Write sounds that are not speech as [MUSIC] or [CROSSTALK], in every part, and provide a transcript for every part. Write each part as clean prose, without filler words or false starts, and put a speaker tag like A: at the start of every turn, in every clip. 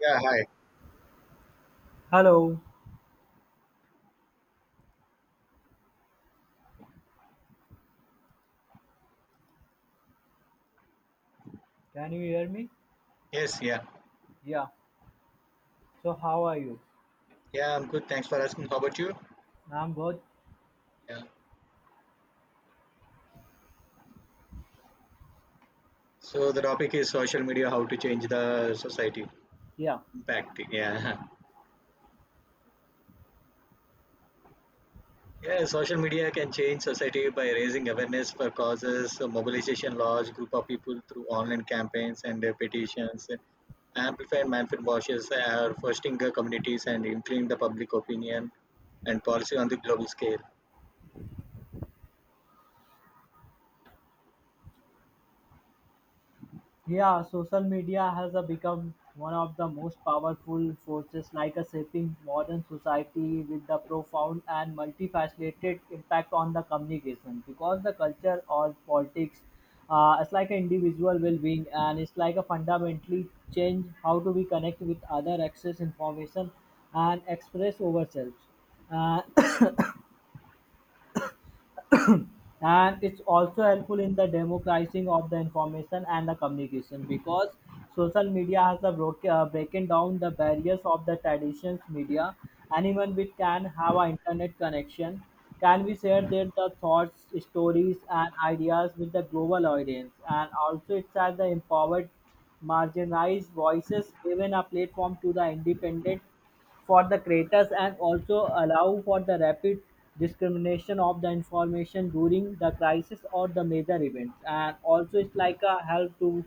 A: Yeah, hi.
B: Hello, can you hear me?
A: Yes, yeah.
B: Yeah. So how are you?
A: Yeah, I'm good. Thanks for asking. How about you?
B: I'm good.
A: Yeah. So the topic is social media, how to change the society.
B: Yeah.
A: Impact. Yeah. [LAUGHS] Yeah, social media can change society by raising awareness for causes, mobilization large group of people through online campaigns and petitions, amplify mindful voices, are fostering communities and influencing the public opinion and policy on the global scale.
B: Yeah, social media has become one of the most powerful forces like a shaping modern society with the profound and multifaceted impact on the communication because the culture or politics it's like an individual well-being, and it's like a fundamentally change how do we connect with other access information and express ourselves uh, and it's also helpful in the democratizing of the information and the communication because social media has the breaking down the barriers of the traditions media. Anyone which can have an internet connection can we share their the thoughts, stories and ideas with the global audience, and also it's as the empowered marginalized voices given a platform to the independent for the creators, and also allow for the rapid discrimination of the information during the crisis or the major events, and also it's like a help to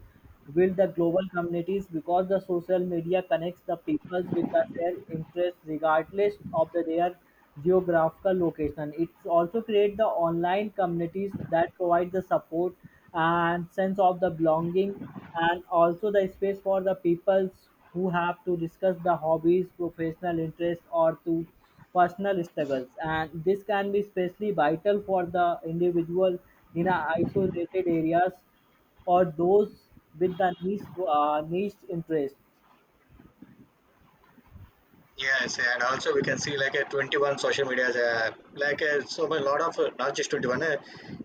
B: build the global communities because the social media connects the peoples with the, their interests regardless of the, their geographical location. It also creates the online communities that provide the support and sense of the belonging, and also the space for the peoples who have to discuss the hobbies, professional interests or to personal struggles. And this can be especially vital for the individual in a isolated areas or those with the niche interest.
A: Yes, and also we can see like a 21 social media, so a lot of not just 21.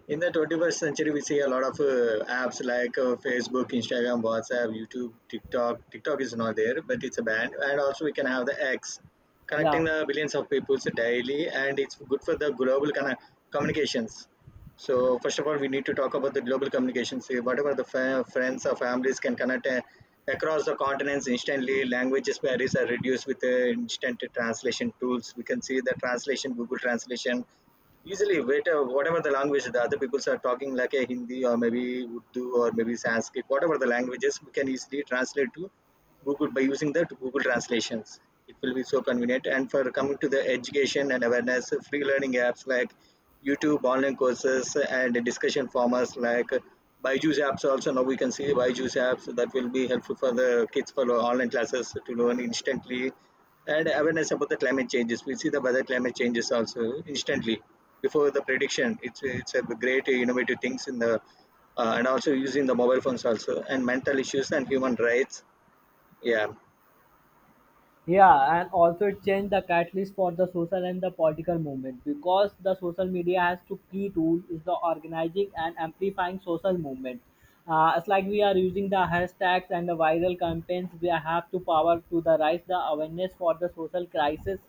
A: In the 21st century, we see a lot of apps like Facebook, Instagram, WhatsApp, YouTube, TikTok. TikTok is not there, but it's a band, and also we can have the X
B: Yeah.
A: connecting the billions of people daily, and it's good for the global kind of communications. So first of all, we need to talk about the global communications. See, whatever the friends or families can connect. Across the continents, instantly language barriers are reduced with instant translation tools. We can see the translation, Google translation. Easily, wait, whatever the language the other people are talking, like a Hindi or maybe Urdu or maybe Sanskrit, whatever the languages, we can easily translate to Google by using that Google translations. It will be so convenient. And for coming to the education and awareness, free learning apps like YouTube, online courses, and discussion formats like Byju's apps. Also now we can see Byju's apps that will be helpful for the kids for online classes to learn instantly. And awareness about the climate changes. We see the weather climate changes also instantly before the prediction. It's a great innovative things in the and also using the mobile phones also and mental issues and human rights. Yeah.
B: Yeah, and also it changed the catalyst for the social and the political movement because the social media has two key tools is the organizing and amplifying social movement. It's like we are using the hashtags and the viral campaigns. We have to power to the rise the awareness for the social crisis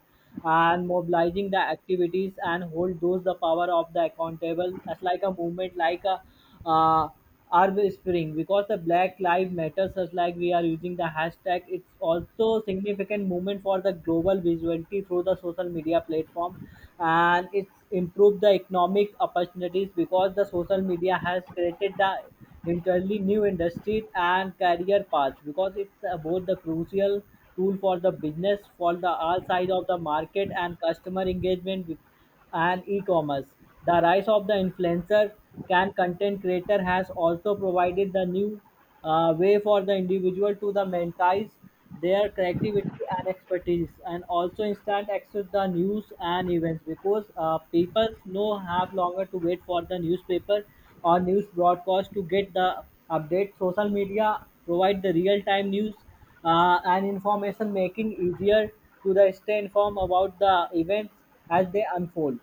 B: and mobilizing the activities and hold those the power of the accountable as like a movement like a uh, Arab Spring because the Black Lives Matters, as like we are using the hashtag, it's also significant movement for the global visibility through the social media platform, and it's improved the economic opportunities because the social media has created the entirely new industries and career paths because it's both the crucial tool for the business for the all sides of the market and customer engagement with- and e-commerce. The rise of the influencer can content creator has also provided the new way for the individual to the monetize their creativity and expertise, and also instant access the news and events because people no have longer to wait for the newspaper or news broadcast to get the update. Social media provide the real-time news and information, making easier to the stay informed about the events as they unfold.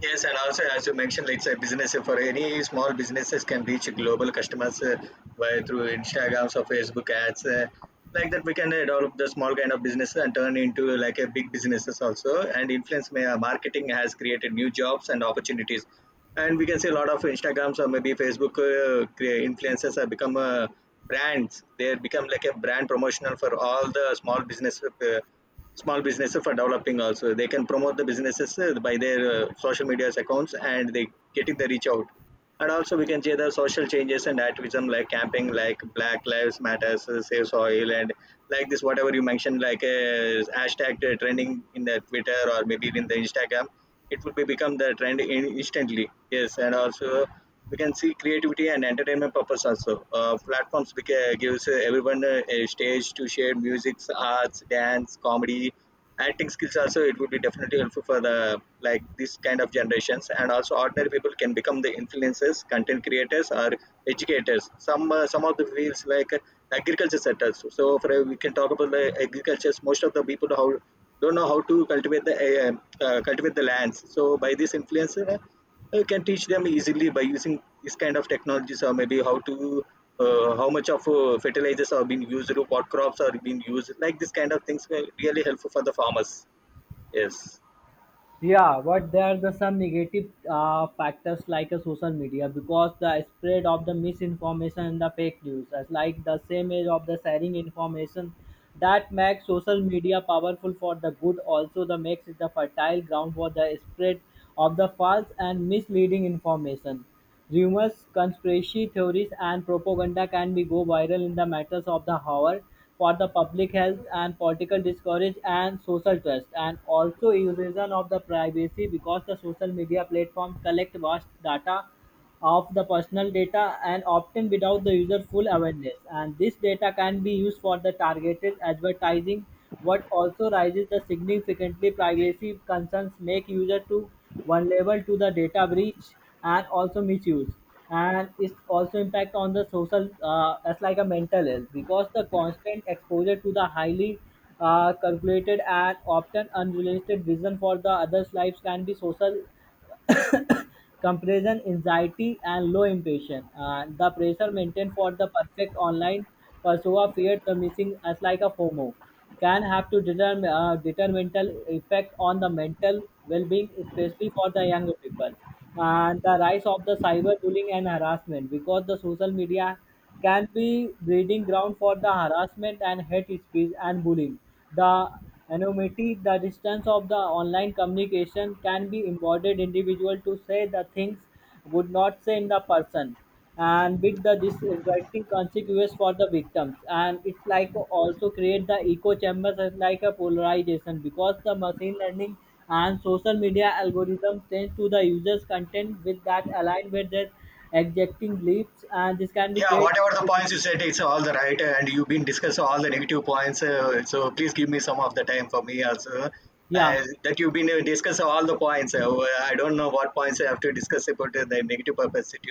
A: Yes, and also as you mentioned, it's a business. So for any small businesses can reach global customers by through Instagrams or Facebook ads. Like that, we can develop the small kind of businesses and turn into like a big businesses also. And influence marketing has created new jobs and opportunities. And we can see a lot of Instagrams or maybe Facebook influencers have become brands. They become like a brand promotional for all the small business, small businesses for developing also they can promote the businesses by their social media accounts and they getting the reach out, and also we can see the social changes and activism like camping like black lives matters, save soil and like this whatever you mentioned like a hashtag trending in the twitter or maybe in the instagram, it would be become the trend in instantly. Yes, and also we can see creativity and entertainment purpose also. Platforms gives everyone a stage to share music, arts, dance, comedy, acting skills also. It would be definitely helpful for the like this kind of generations, and also ordinary people can become the influencers, content creators or educators. Some of the fields like agriculture sectors, so for we can talk about the agriculture. Most of the people how don't know how to cultivate the lands, so by this influencer can teach them easily by using this kind of technologies or maybe how to how much of fertilizers are being used, what crops are being used. Like this kind of things were really helpful for the farmers. Yes.
B: Yeah, but there are some negative factors like social media because the spread of the misinformation and the fake news, as like the same age of the sharing information, that makes social media powerful for the good. Also, the makes it the fertile ground for the spread of the false and misleading information. Rumors, conspiracy theories and propaganda can be go viral in the matters of the hour for the public health and political discourage and social trust, and also erosion of the privacy because the social media platforms collect vast data of the personal data and often without the user full awareness, and this data can be used for the targeted advertising what also raises the significantly privacy concerns, make user to vulnerable to the data breach and also misuse. And it's also impact on the social as like a mental health because the constant exposure to the highly calculated and often unrealistic vision for the others lives can be social comparison anxiety, and low impatience. The pressure maintained for the perfect online persona feared the missing as like a FOMO can have to determine detrimental effect on the mental well-being, especially for the younger people. And the rise of the cyberbullying and harassment because the social media can be breeding ground for the harassment and hate speech and bullying. The anonymity, the distance of the online communication, can be embodied individual to say the things would not say in the person and with the disrespecting consequences for the victims. And it's like also create the echo chambers as like a polarization because the machine learning and social media algorithms tend to the users content with that align with their exacting bleeps, and this can be
A: Yeah,
B: great.
A: whatever the points you said, it's all the right, and you've been discussing all the negative points. So please give me some of the time for me also.
B: Yeah,
A: That you've been discussing all the points. Well, I don't know what points I have to discuss about the negative publicity.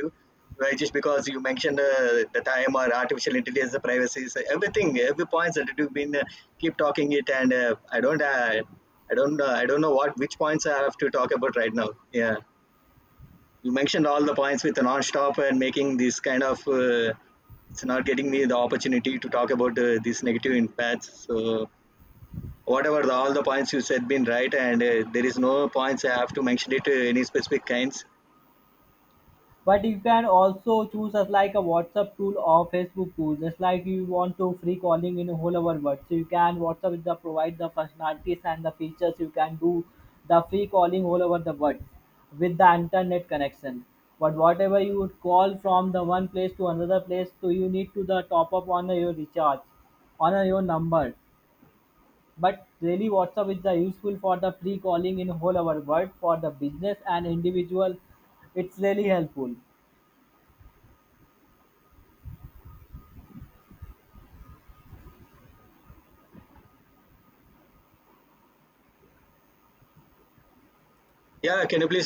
A: Well, just because you mentioned the time or artificial intelligence, the privacy, so everything, every points that you've been keep talking it, and I don't know what which points I have to talk about right now. Yeah, you mentioned all the points with the non-stop and making this kind of it's not getting me the opportunity to talk about these negative impacts. So whatever the, all the points you said been right, and there is no points I have to mention it any specific kinds.
B: but you can also choose as like a WhatsApp tool or Facebook tool, just like you want to free calling in a whole over world. So you can, WhatsApp is the provide the functionalities and the features, you can do the free calling all over the world with the internet connection. But whatever you would call from the one place to another place, so you need to the top up on your recharge on your number. But really WhatsApp is the useful for the free calling in whole our world for the business and individual. It's really helpful.
A: Yeah, can you please